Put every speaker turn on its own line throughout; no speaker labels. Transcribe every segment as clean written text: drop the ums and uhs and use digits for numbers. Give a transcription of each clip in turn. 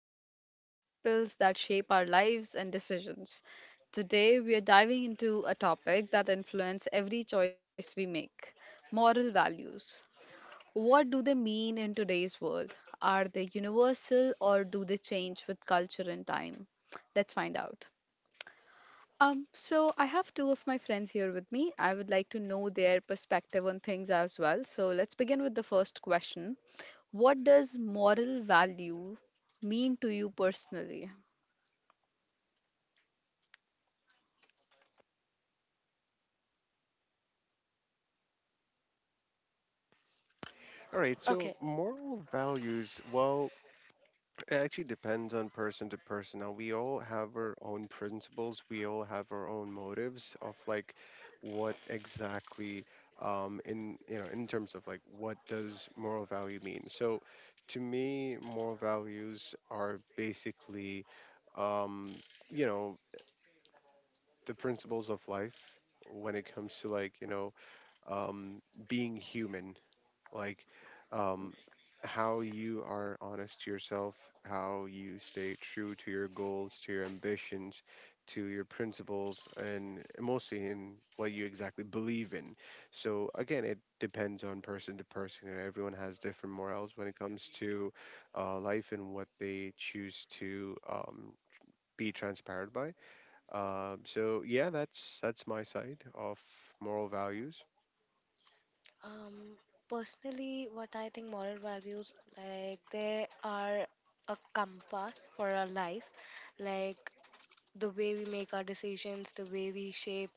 explore the principles that shape our lives and decisions. Today, we are diving into a topic that influences every choice we make: moral values. What do they mean in today's world? Are they universal or do they change with culture and time? Let's find out. So I have two of my friends here with me. I would like to know their perspective on things as well. So let's begin with the first question. What does moral value mean to you personally?
All right, so
Okay.
moral values, well, it actually depends on person to person. Now, we all have our own principles, we all have our own motives of like what exactly in you know, in terms of like what does moral value mean? So to me, moral values are basically um, you know, the principles of life when it comes to um being human, like um how you are honest to yourself, how you stay true to your goals, to your ambitions, to your principles, and mostly in what you exactly believe in. So, again, it depends on person to person. And Everyone has different morals when it comes to life and what they choose to. Be transparent by. So yeah, that's my side of moral values.
Um, Personally, what I think moral values like they are a compass for our life, like the way we make our decisions, the way we shape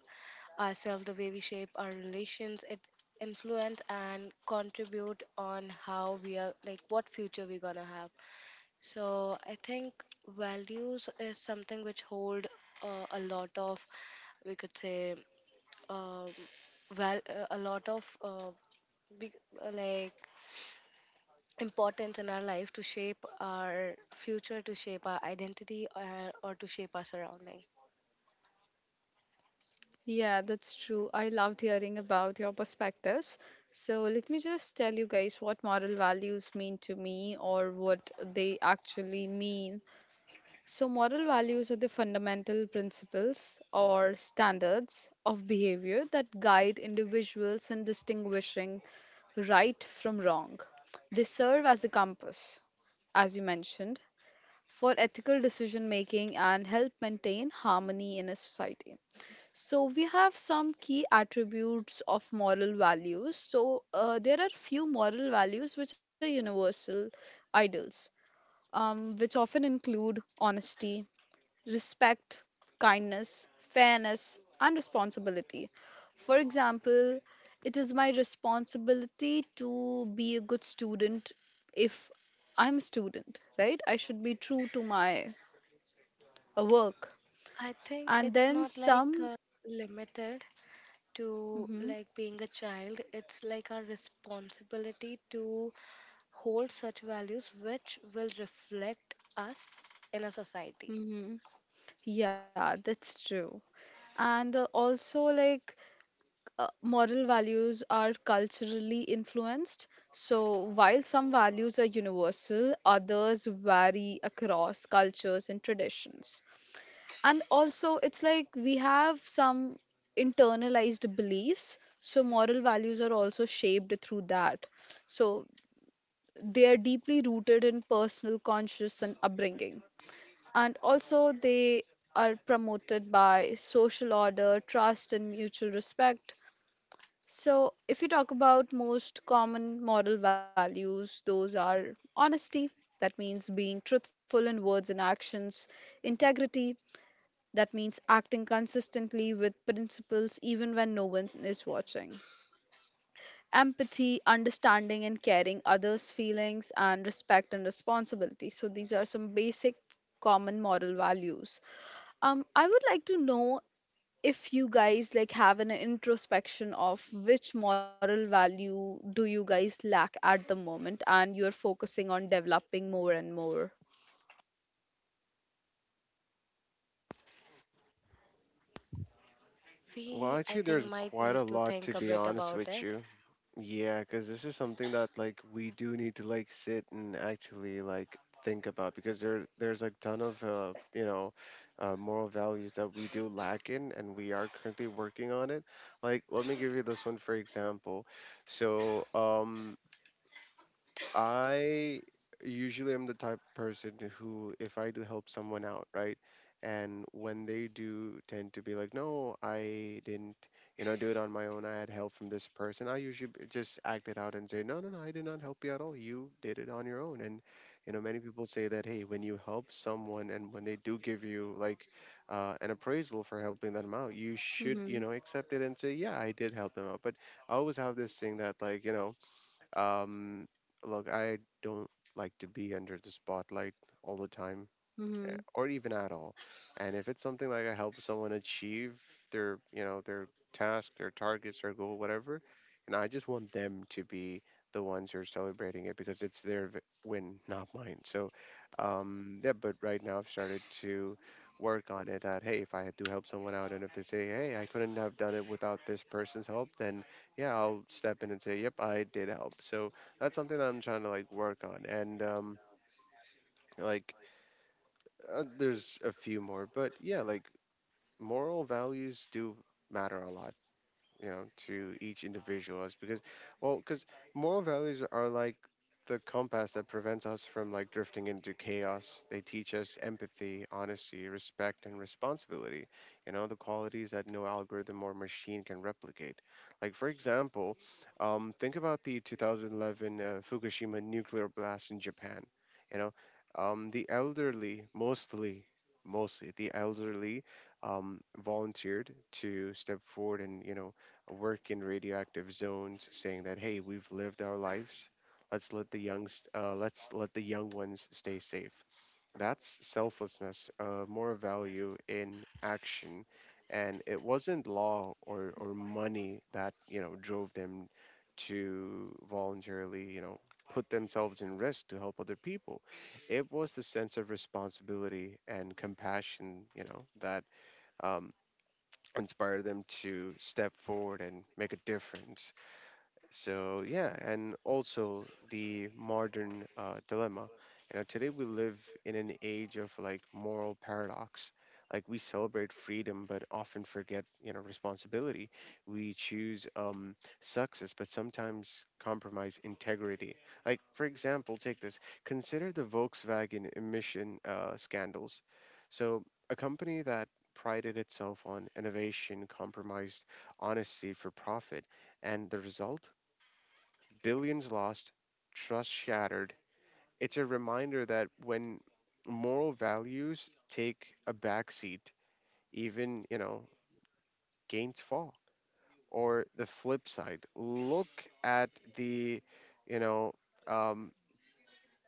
ourselves, the way we shape our relations. It influence and contribute on how we are like what future we're gonna have. So I think values is something which hold a lot of, we could say, um, a lot of big like importance in our life to shape our future, to shape our identity, or to shape our surrounding.
Yeah, that's true. I loved hearing about your perspectives. So let me just tell you guys what moral values mean to me or what they actually mean. So, moral values are the fundamental principles or standards of behavior that guide individuals in distinguishing right from wrong. They serve as a compass, as you mentioned, for ethical decision making and help maintain harmony in a society. So, we have some key attributes of moral values. So, there are few moral values which are universal ideals, which often include honesty, respect, kindness, fairness, and responsibility. For example, it is my responsibility to be a good student if I'm a student, right? I should be true to my work.
I think
And
it's
then
not like
some.
limited to
Hmm.
like being a child. It's like our responsibility to hold such values which will reflect us in a society.
Hmm. Yeah, that's true. And also, like, moral values are culturally influenced. So, while some values are universal, others vary across cultures and traditions. And also, it's like we have some internalized beliefs. So, moral values are also shaped through that. So, they are deeply rooted in personal conscious and upbringing. And also, they are promoted by social order, trust, and mutual respect. So, if you talk about most common moral values, those are honesty, that means being truthful in words and actions; integrity, that means acting consistently with principles even when no one is watching; empathy, understanding and caring others' feelings; and respect and responsibility. So, these are some basic common moral values. I would like to know if you guys like have an introspection of which moral value do you guys lack at the moment and you're focusing on developing more and more.
Well,
We i
actually,
think
there's
might
quite
need
a
to
lot
think
to
a
be
bit
honest
about
with
it.
you. Yeah, because this is something that like we do need to like sit and actually like think about because there's a ton of moral values that we do lack in, and we are currently working on it. Like, let me give you this one for example. So, I usually am the type of person who, if I do help someone out, right? And when they do tend to be like, no, I didn't, you know, do it on my own. I had help from this person. I usually just act it out and say, no, no, no, I did not help you at all. You did it on your own. And, you know, many people say that, hey, when you help someone and when they do give you an appraisal for helping them out, you should, you
Mm-hmm.
know, accept it and say, yeah, I did help them out. But I always have this thing that, um, look, I don't like to be under the spotlight all the time
Mm-hmm.
or even at all. And if it's something like I help someone achieve their, you know, their task, their targets, their goal, whatever, and I just want them to be the ones who are celebrating it because it's their win, not mine. So, yeah. But right now, I've started to work on it. That hey, if I do help someone out, and if they say, hey, I couldn't have done it without this person's help, then yeah, I'll step in and say, yep, I did help. So that's something that I'm trying to like work on. And like There's a few more, but yeah, like moral values do matter a lot, you know, to each individual, is because, well, because moral values are like the compass that prevents us from like drifting into chaos. They teach us empathy, honesty, respect, and responsibility, you know, the qualities that no algorithm or machine can replicate. Like for example, think about the 2011 fukushima nuclear blast in japan, you know, the elderly, mostly the elderly, volunteered to step forward and you know work in radioactive zones, saying that hey, we've lived our lives. Let's let the youngs, let the young ones stay safe. That's selflessness, more value in action, and it wasn't law or money that you know drove them to voluntarily, you know, put themselves in risk to help other people. It was the sense of responsibility and compassion, you know, that um, inspire them to step forward and make a difference. So yeah, and also the modern dilemma. You know, today we live in an age of like moral paradox. Like we celebrate freedom, but often forget you know responsibility. We choose success, but sometimes compromise integrity. Like for example, take this. Consider the Volkswagen emission scandals. So a company that prided itself on innovation compromised honesty for profit, and the result: billions lost, trust shattered. It's a reminder that when moral values take a backseat, even, you know, gains fall. Or the flip side, look at the, you know, um,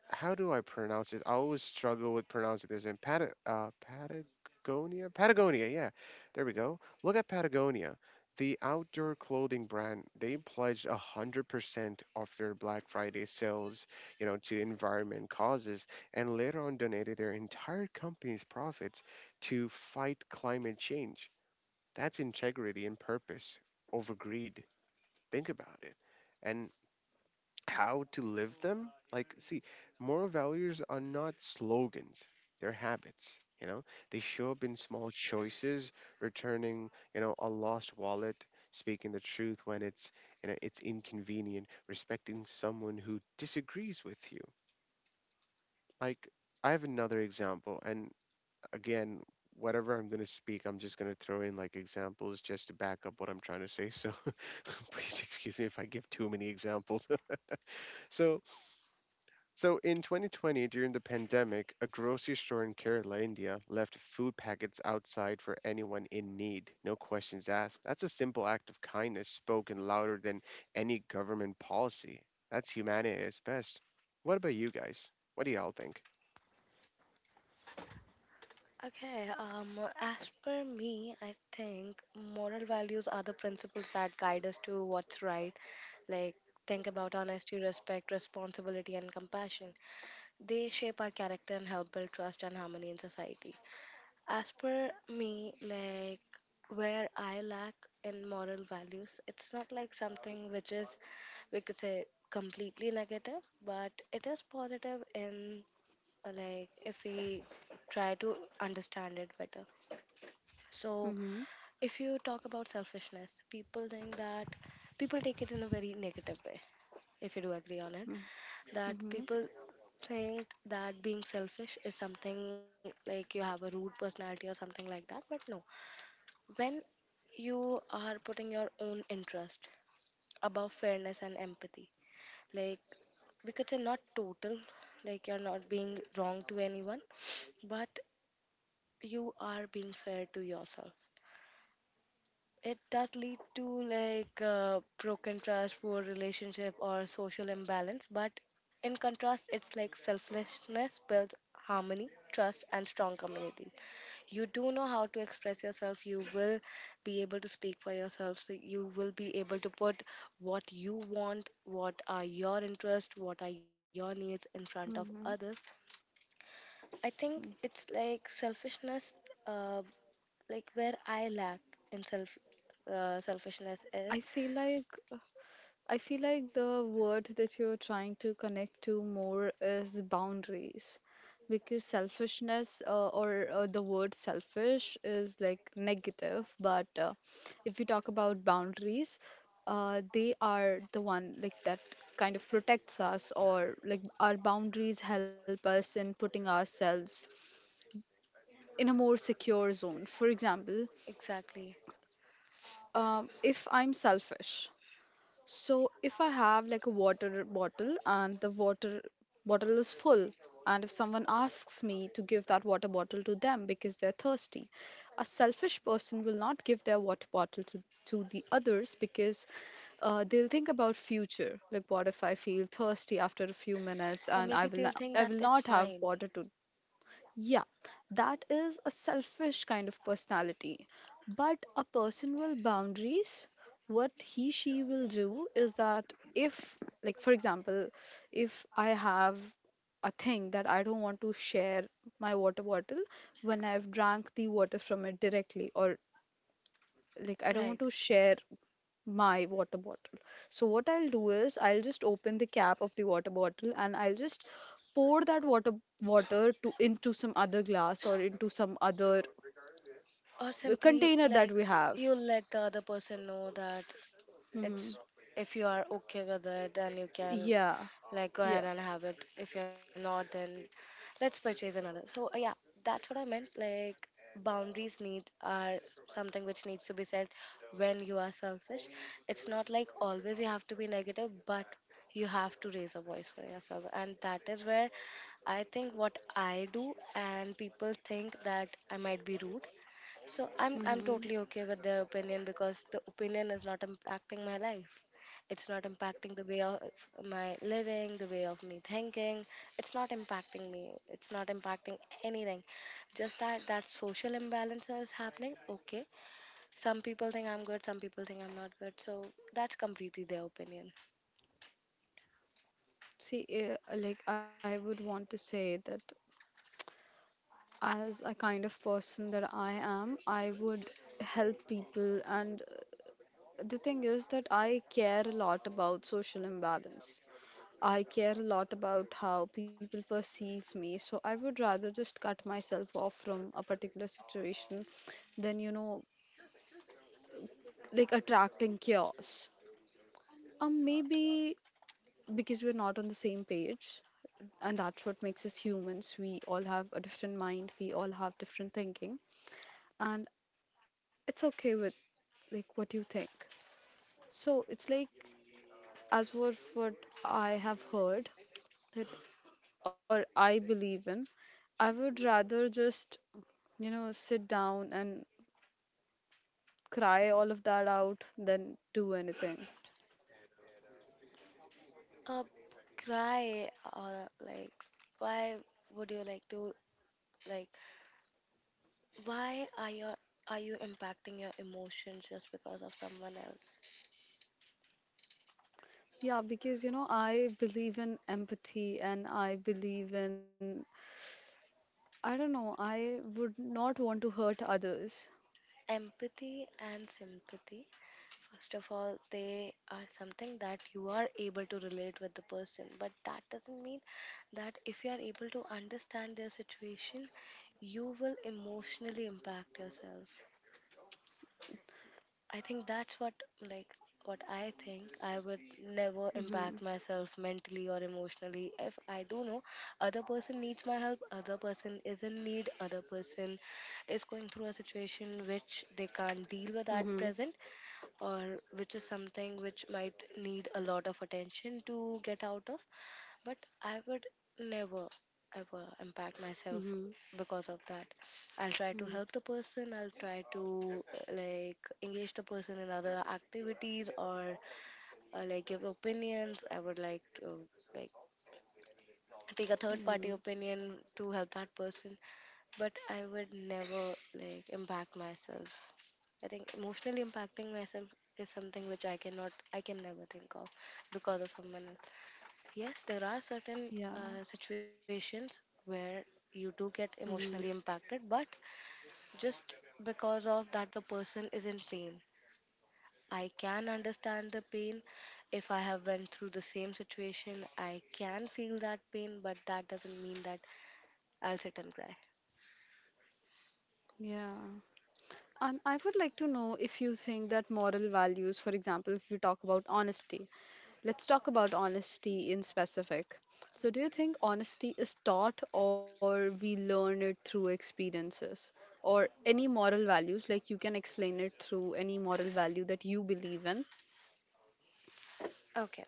how do I pronounce it? I always struggle with pronouncing this in Patagonia. Patagonia, yeah. There we go. Look at Patagonia. The outdoor clothing brand, they pledged 100% of their Black Friday sales, you know, to environment causes and later on donated their entire company's profits to fight climate change. That's integrity and purpose over greed. Think about it, how to live them. Like, see, moral values are not slogans, they're habits. You know, they show up in small choices: returning, you know, a lost wallet, speaking the truth when it's inconvenient, respecting someone who disagrees with you. Like, I have another example, and again, whatever I'm going to speak, I'm just going to throw in like examples just to back up what I'm trying to say. So please excuse me if I give too many examples. so So in 2020, during the pandemic, a grocery store in Kerala, India, left food packets outside for anyone in need, no questions asked. That's a simple act of kindness spoken louder than any government policy. That's humanity at its best. What about you guys? What do y'all think?
Okay, as per me, I think moral values are the principles that guide us to what's right. Like, think about honesty, respect, responsibility, and compassion. They shape our character and help build trust and harmony in society. As per me, like, where I lack in moral values, it's not like something which is, we could say, completely negative, but it is positive in like if we try to understand it better. So
Mm-hmm.
if you talk about selfishness, people think that, people take it in a very negative way. If you do agree on it, that people
Mm-hmm.
think that being selfish is something like you have a rude personality or something like that, but no, when you are putting your own interest above fairness and empathy, like because you're not total, like you're not being wrong to anyone, but you are being fair to yourself. It does lead to like broken trust, poor relationship, or social imbalance. But in contrast, it's like selflessness builds harmony, trust, and strong community. You do know how to express yourself. You will be able to speak for yourself. So you will be able to put what you want, what are your interests, what are your needs in front of others.
Mm-hmm.
I think it's like selfishness. Uh, like where I lack in self selfishness
I
is
feel like I feel like the word that you're trying to connect to more is boundaries, because selfishness or the word selfish is like negative, but if we talk about boundaries, they are the one like that kind of protects us, or like our boundaries help us in putting ourselves in a more secure zone. For example,
exactly,
if I'm selfish, so if I have like a water bottle and the water bottle is full, and if someone asks me to give that water bottle to them because they're thirsty, a selfish person will not give their water bottle to the others because they'll think about future. Like, what if I feel thirsty after a few minutes
or
and I
maybe
will
they'll
not,
think
I
that
will not
it's
have
mine,
water to. Yeah, that is a selfish kind of personality. But a person with boundaries, what he she will do is that if, like, for example, if I have a thing that I don't want to share my water bottle when I've drank the water from it directly, or like I don't want
right?
to share my water bottle. So what I'll do is I'll just open the cap of the water bottle and I'll just pour that water water to into some other glass or into some other
Or simply
container
like
that we have.
you let the other person know that
Hmm.
it's, if you are okay with it, then you can,
Yeah,
like, go ahead
yeah.
and have it. If you're not, then let's purchase another. So, yeah, that's what I meant. Like, boundaries need are something which needs to be set when you are selfish. It's not like always you have to be negative, but you have to raise a voice for yourself. And that is where I think what I do, and people think that I might be rude, so I'm
Hmm.
totally okay with their opinion because the opinion is not impacting my life. It's not impacting the way of my living, the way of me thinking. It's not impacting me. It's not impacting anything. Just that that social imbalance is happening. Okay. Some people think I'm good, some people think I'm not good. So that's completely their opinion.
See, like I would want to say that as a kind of person that I am, I would help people, and the thing is that I care a lot about social imbalance. I care a lot about how people perceive me, so I would rather just cut myself off from a particular situation than, like attracting chaos. Maybe because we're not on the same page, and that's what makes us humans. We all have a different mind, we all have different thinking, and it's okay with like what you think. So it's like, as for what I have heard that, or I believe in, I would rather just sit down and cry all of that out than do anything.
Uh, cry, or like why would you like to, like, why are your, are you impacting your emotions just because of someone else?
Yeah, because I believe in empathy and I believe in, I don't know, I would not want to hurt others.
Empathy and sympathy. First of all, they are something that you are able to relate with the person, but that doesn't mean that if you are able to understand their situation, you will emotionally impact yourself. I think that's what, like what I think, I would never impact
Mhm.
myself mentally or emotionally if I do know other person needs my help, other person is in need, other person is going through a situation which they can't deal with at
Mhm.
present or which is something which might need a lot of attention to get out of, but I would never ever impact myself
Mhm.
because of that. I'll try to help the
Mhm.
person, I'll try to like engage the person in other activities or like give opinions. I would like to, like, take a third party
Mhm.
opinion to help that person, but I would never like impact myself. I think emotionally impacting myself is something which I cannot, I can never think of because of someone else. Yes, there are certain
Yeah.
situations where you do get emotionally
Mhm.
impacted, but just because of that, the person is in pain. I can understand the pain. If I have went through the same situation, I can feel that pain, but that doesn't mean that I'll sit and cry.
Yeah. And I would like to know if you think that moral values, for example, if you talk about honesty. Let's talk about honesty in specific. So, do you think honesty is taught or we learn it through experiences or any moral values? Like, you can explain it through any moral value that you believe in.
Okay,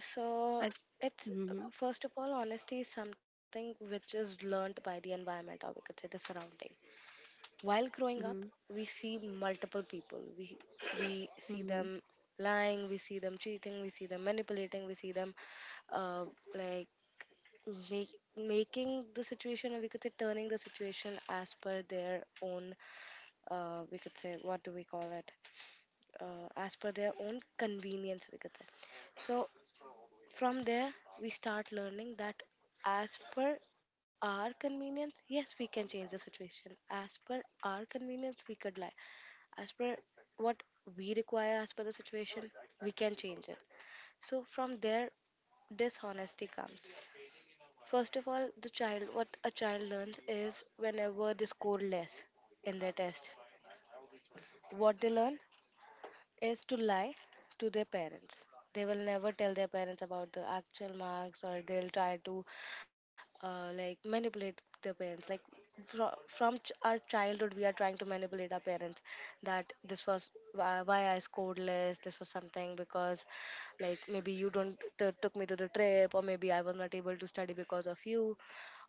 so
I,
it's,
mm-hmm.
first of all, honesty is something which is learned by the environment, or we could say the surrounding. While growing up,
Mm-hmm.
we see multiple people. We see
Mm-hmm.
them lying, we see them cheating, we see them manipulating, we see them uh, like make, making the situation, or we could say turning the situation as per their own. We could say, what do we call it? As per their own convenience, we could say. So from there, we start learning that as per our convenience, yes, we can change the situation. As per our convenience, we could lie. As per what we require, as per the situation, we can change it. So, from there, dishonesty comes. First of all, the child, what a child learns is whenever they score less in their test, what they learn is to lie to their parents. They will never tell their parents about the actual marks, or they'll try to like manipulate their parents. Like our childhood, we are trying to manipulate our parents that this was why I scored less. This was something because like maybe you don't took me to the trip, or maybe I was not able to study because of you.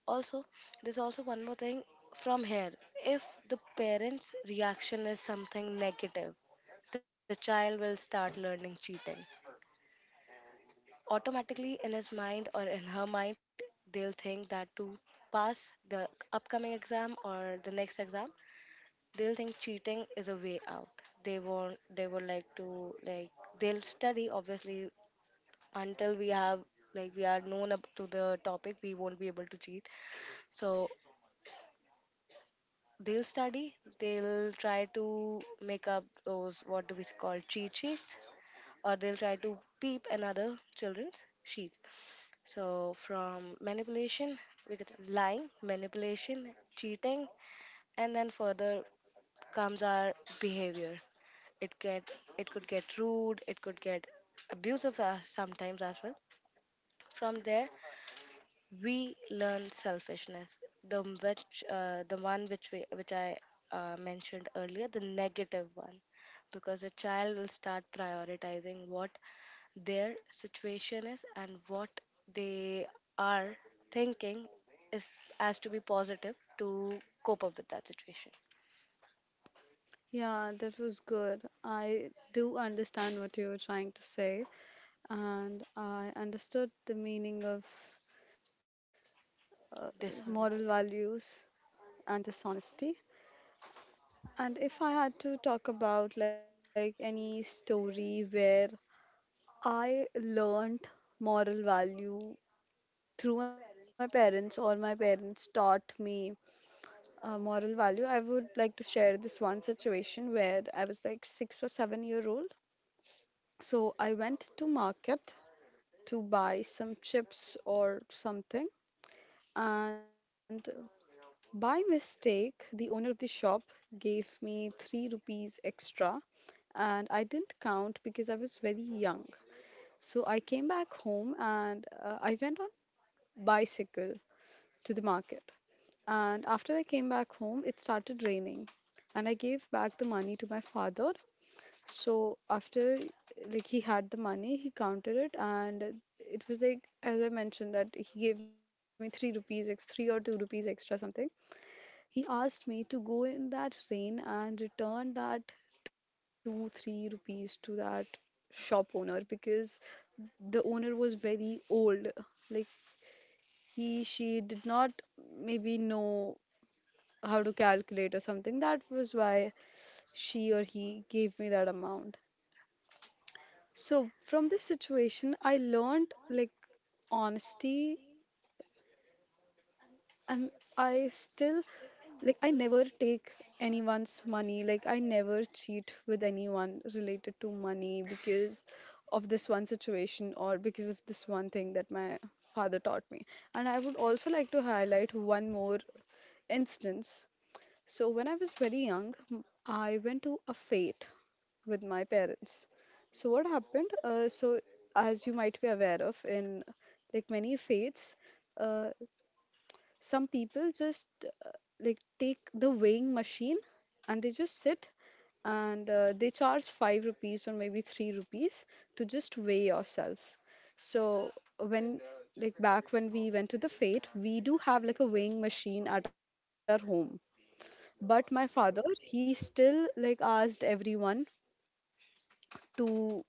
Also, there's also one more thing. From here, if the parents reaction is something negative, the child will start learning cheating. Automatically, in his mind or in her mind, they'll think that to pass the upcoming exam or the next exam, they'll think cheating is a way out. They won't, they would like to, like, they'll study obviously until we have, like, we are known up to the topic, we won't be able to cheat. So, they'll study, they'll try to make up those, what do we call, cheat sheets, or they'll try to peep another children's sheets. So from manipulation, we get lying, manipulation, cheating, and then further comes our behavior. It get it could get rude, it could get abusive sometimes as well. From there, we learn selfishness, the which the one which we which I mentioned earlier, the negative one, because a child will start prioritizing what their situation is and what they are thinking is as to be positive to cope up with that situation.
Yeah, that was good. I do understand what you were trying to say, and I understood the meaning of uh, moral
Dishonesty.
values and dishonesty. And if I had to talk about like any story where I learned moral value through my parents or my parents taught me moral value, I would like to share this one situation where I was like 6 or 7 year old. So I went to market to buy some chips or something, and by mistake, the owner of the shop gave me 3 rupees extra, and I didn't count because I was very young. So I came back home, and I went on bicycle to the market. And after I came back home, it started raining, and I gave back the money to my father. So after like he had the money, he counted it, and it was like, as I mentioned, that he gave me 3 or 2 rupees extra something. He asked me to go in that rain and return that 2, 3 rupees to that shop owner because the owner was very old. Like, he, she did not maybe know how to calculate or something. That was why she or he gave me that amount. So from this situation, I learned like honesty, and I still, like, I never take anyone's money, like I never cheat with anyone related to money because of this one situation, or because of this one thing that my father taught me. And I would also like to highlight one more instance. So when I was very young, I went to a fete with my parents. So what happened, so, as you might be aware of, in like many fates, uh, some people just like take the weighing machine and they just sit, and they charge 5 rupees or maybe 3 rupees to just weigh yourself. So when, like, back when we went to the fate, we do have like a weighing machine at our home, but my father, he still like asked everyone to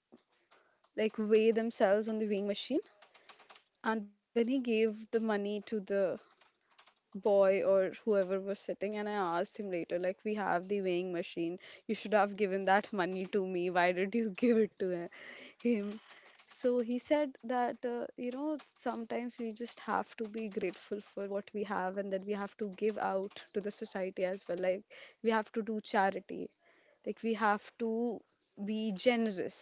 like weigh themselves on the weighing machine, and then he gave the money to the boy or whoever was sitting. And I asked him later, like, we have the weighing machine, you should have given that money to me, why did you give it to him? So he said that sometimes we just have to be grateful for what we have, and that we have to give out to the society as well, like we have to do charity, like we have to be generous.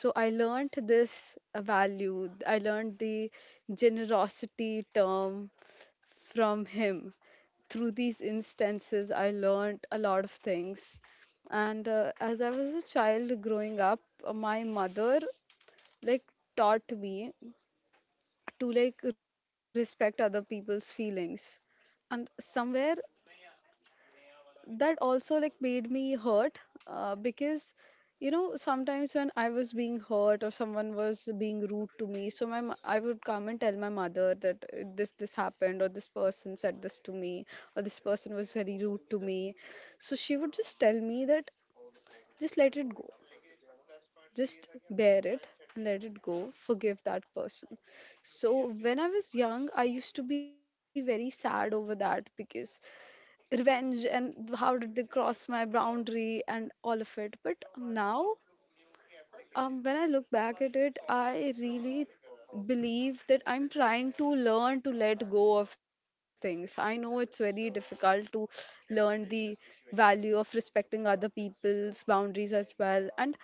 So I learned this value. I learned the generosity term from him. Through these instances, I learned a lot of things. And as I was a child growing up, my mother like taught me to like respect other people's feelings. And somewhere, that also like made me hurt, because sometimes when I was being hurt or someone was being rude to me, so I would come and tell my mother that this happened, or this person said this to me, or this person was very rude to me. So she would just tell me that, just let it go, just bear it, and let it go, forgive that person. So when I was young, I used to be very sad over that because revenge and how did they cross my boundary and all of it. But now, when I look back at it, I really believe that I'm trying to learn to let go of things. I know it's very difficult to learn the value of respecting other people's boundaries as well. And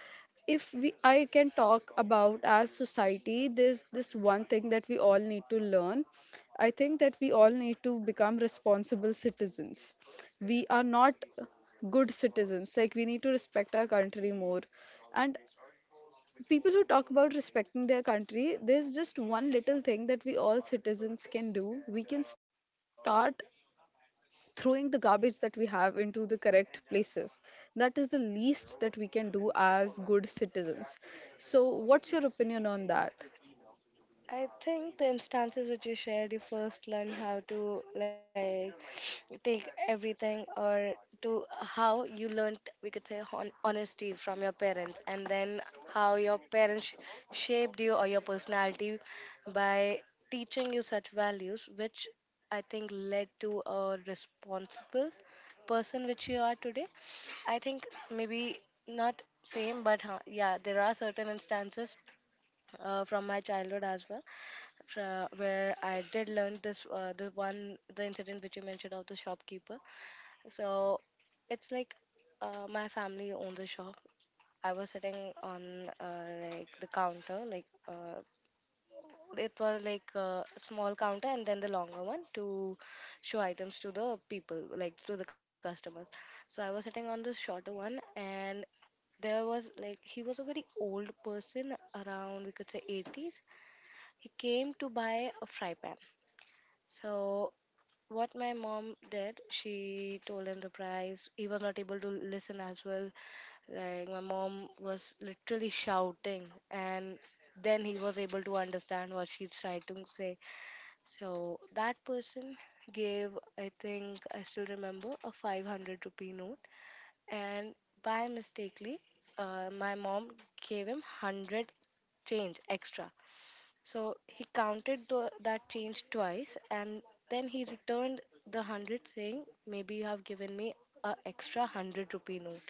if we, I can talk about as society, there's this one thing that we all need to learn. I think that we all need to become responsible citizens. We are not good citizens. Like, we need to respect our country more. And people who talk about respecting their country, there's just one little thing that we all citizens can do. We can start throwing the garbage that we have into the correct places. That is the least that we can do as good citizens. So, what's your opinion on that?
I think the instances which you shared, you first learn how to like take everything or to how you learned, we could say, honesty from your parents, and then how your parents shaped you or your personality by teaching you such values, which I think led to a responsible person which you are today. I think maybe not same, but huh, yeah, there are certain instances from my childhood as well, where I did learn this, the one, the incident which you mentioned of the shopkeeper. So it's like my family owns the shop. I was sitting on like the counter, like it was like a small counter and then the longer one to show items to the people, like to the customers. So I was sitting on the shorter one, and there was like, he was a very old person, around we could say 80s. He came to buy a fry pan. So, what my mom did, she told him the price. He was not able to listen as well. Like, my mom was literally shouting, and then he was able to understand what she tried to say. So, that person gave, I think, I still remember, a 500 rupee note. And by mistakenly, my mom gave him 100 change extra. So he counted the, that change twice, and then he returned the hundred saying, maybe you have given me a extra hundred rupee note.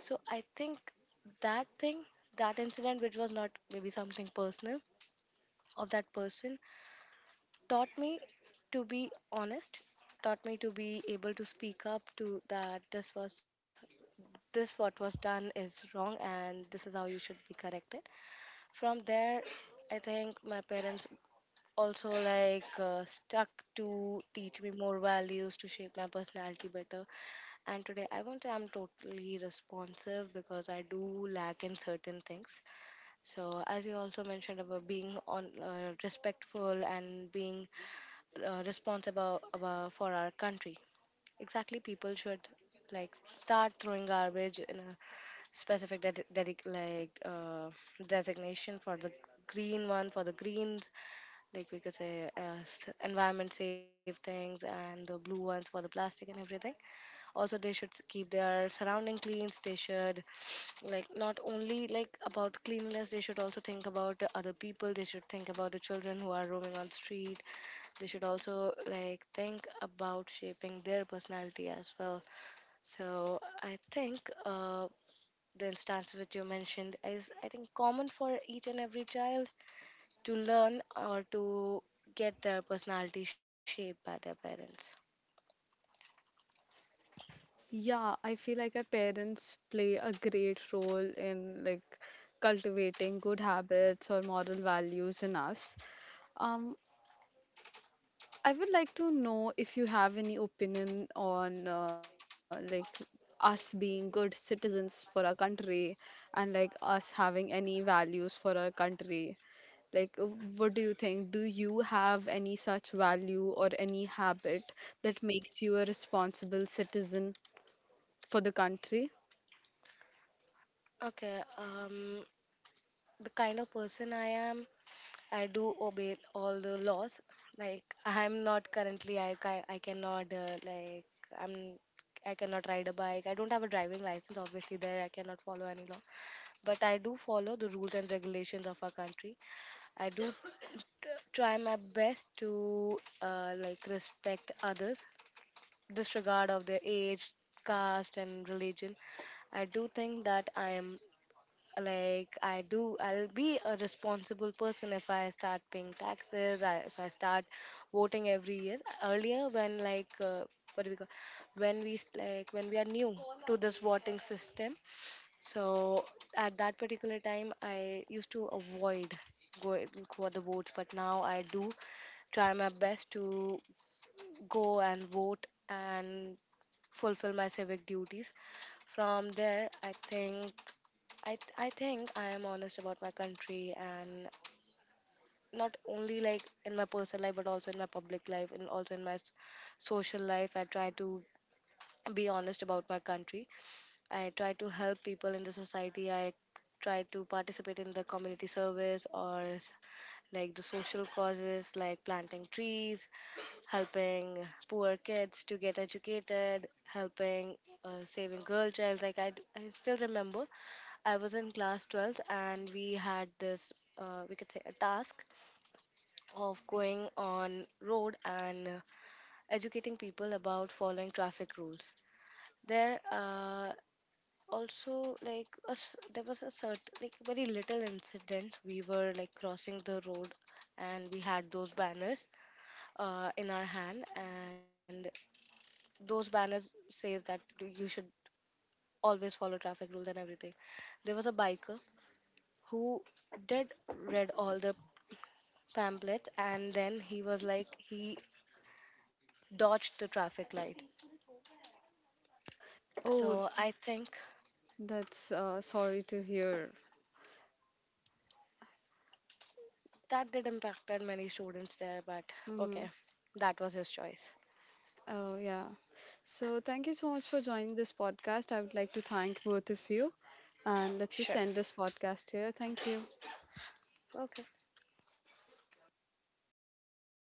So I think that thing, that incident, which was not maybe something personal of that person, taught me to be honest, taught me to be able to speak up to that this was, this what was done is wrong and this is how you should be corrected. From there, I think my parents also like stuck to teach me more values to shape my personality better, and today I won't say I'm totally responsive because I do lack in certain things. So as you also mentioned about being on respectful and being responsible about for our country, exactly, people should like start throwing garbage in a specific de- dedic like designation for the green one for the greens, like we could say environment safe things, and the blue ones for the plastic and everything. Also they should keep their surrounding cleans. They should, like, not only like about cleanliness, they should also think about the other people. They should think about the children who are roaming on street. They should also like think about shaping their personality as well. So I think uh, the instance which you mentioned is, I think, common for each and every child to learn or to get their personality shaped by their parents.
Yeah, I feel like our parents play a great role in like cultivating good habits or moral values in us. Um, I would like to know if you have any opinion on like us being good citizens for our country and like us having any values for our country. Like, what do you think? Do you have any such value or any habit that makes you a responsible citizen for the country?
Okay, the kind of person I am, I do obey all the laws. Like I'm not currently, I cannot like I'm, I cannot ride a bike. I don't have a driving license, obviously. There I cannot follow any law, but I do follow the rules and regulations of our country. I do try my best to like respect others disregard of their age, caste, and religion. I do think that I am, like I do. I'll be a responsible person if I start paying taxes. I, if I start voting every year. Earlier, when like what do we call, when we like when we are new to this voting system, so at that particular time, I used to avoid going for the votes, but now I do try my best to go and vote and fulfill my civic duties. From there, I think I think I am honest about my country, and not only like in my personal life but also in my public life and also in my social life, I try to be honest about my country. I try to help people in the society. I try to participate in the community service or like the social causes like planting trees, helping poor kids to get educated, helping saving girl child. Like I, I still remember, I was in class 12th and we had this, we could say, a task of going on road and educating people about following traffic rules. There, also like a s there was a certain like very little incident. We were like crossing the road, and we had those banners in our hand, and those banners says that you should always follow traffic rules and everything. There was a biker who did read all the pamphlets, and then he was like he dodged the traffic light. So
Oh,
I think
that's sorry to hear.
that did impacted many students there, but
Mm-hmm.
okay, that was his choice.
Oh, yeah. So, thank you so much for joining this podcast. I would like to thank both of you. And let's just
Sure.
end this podcast here. Thank you.
Okay.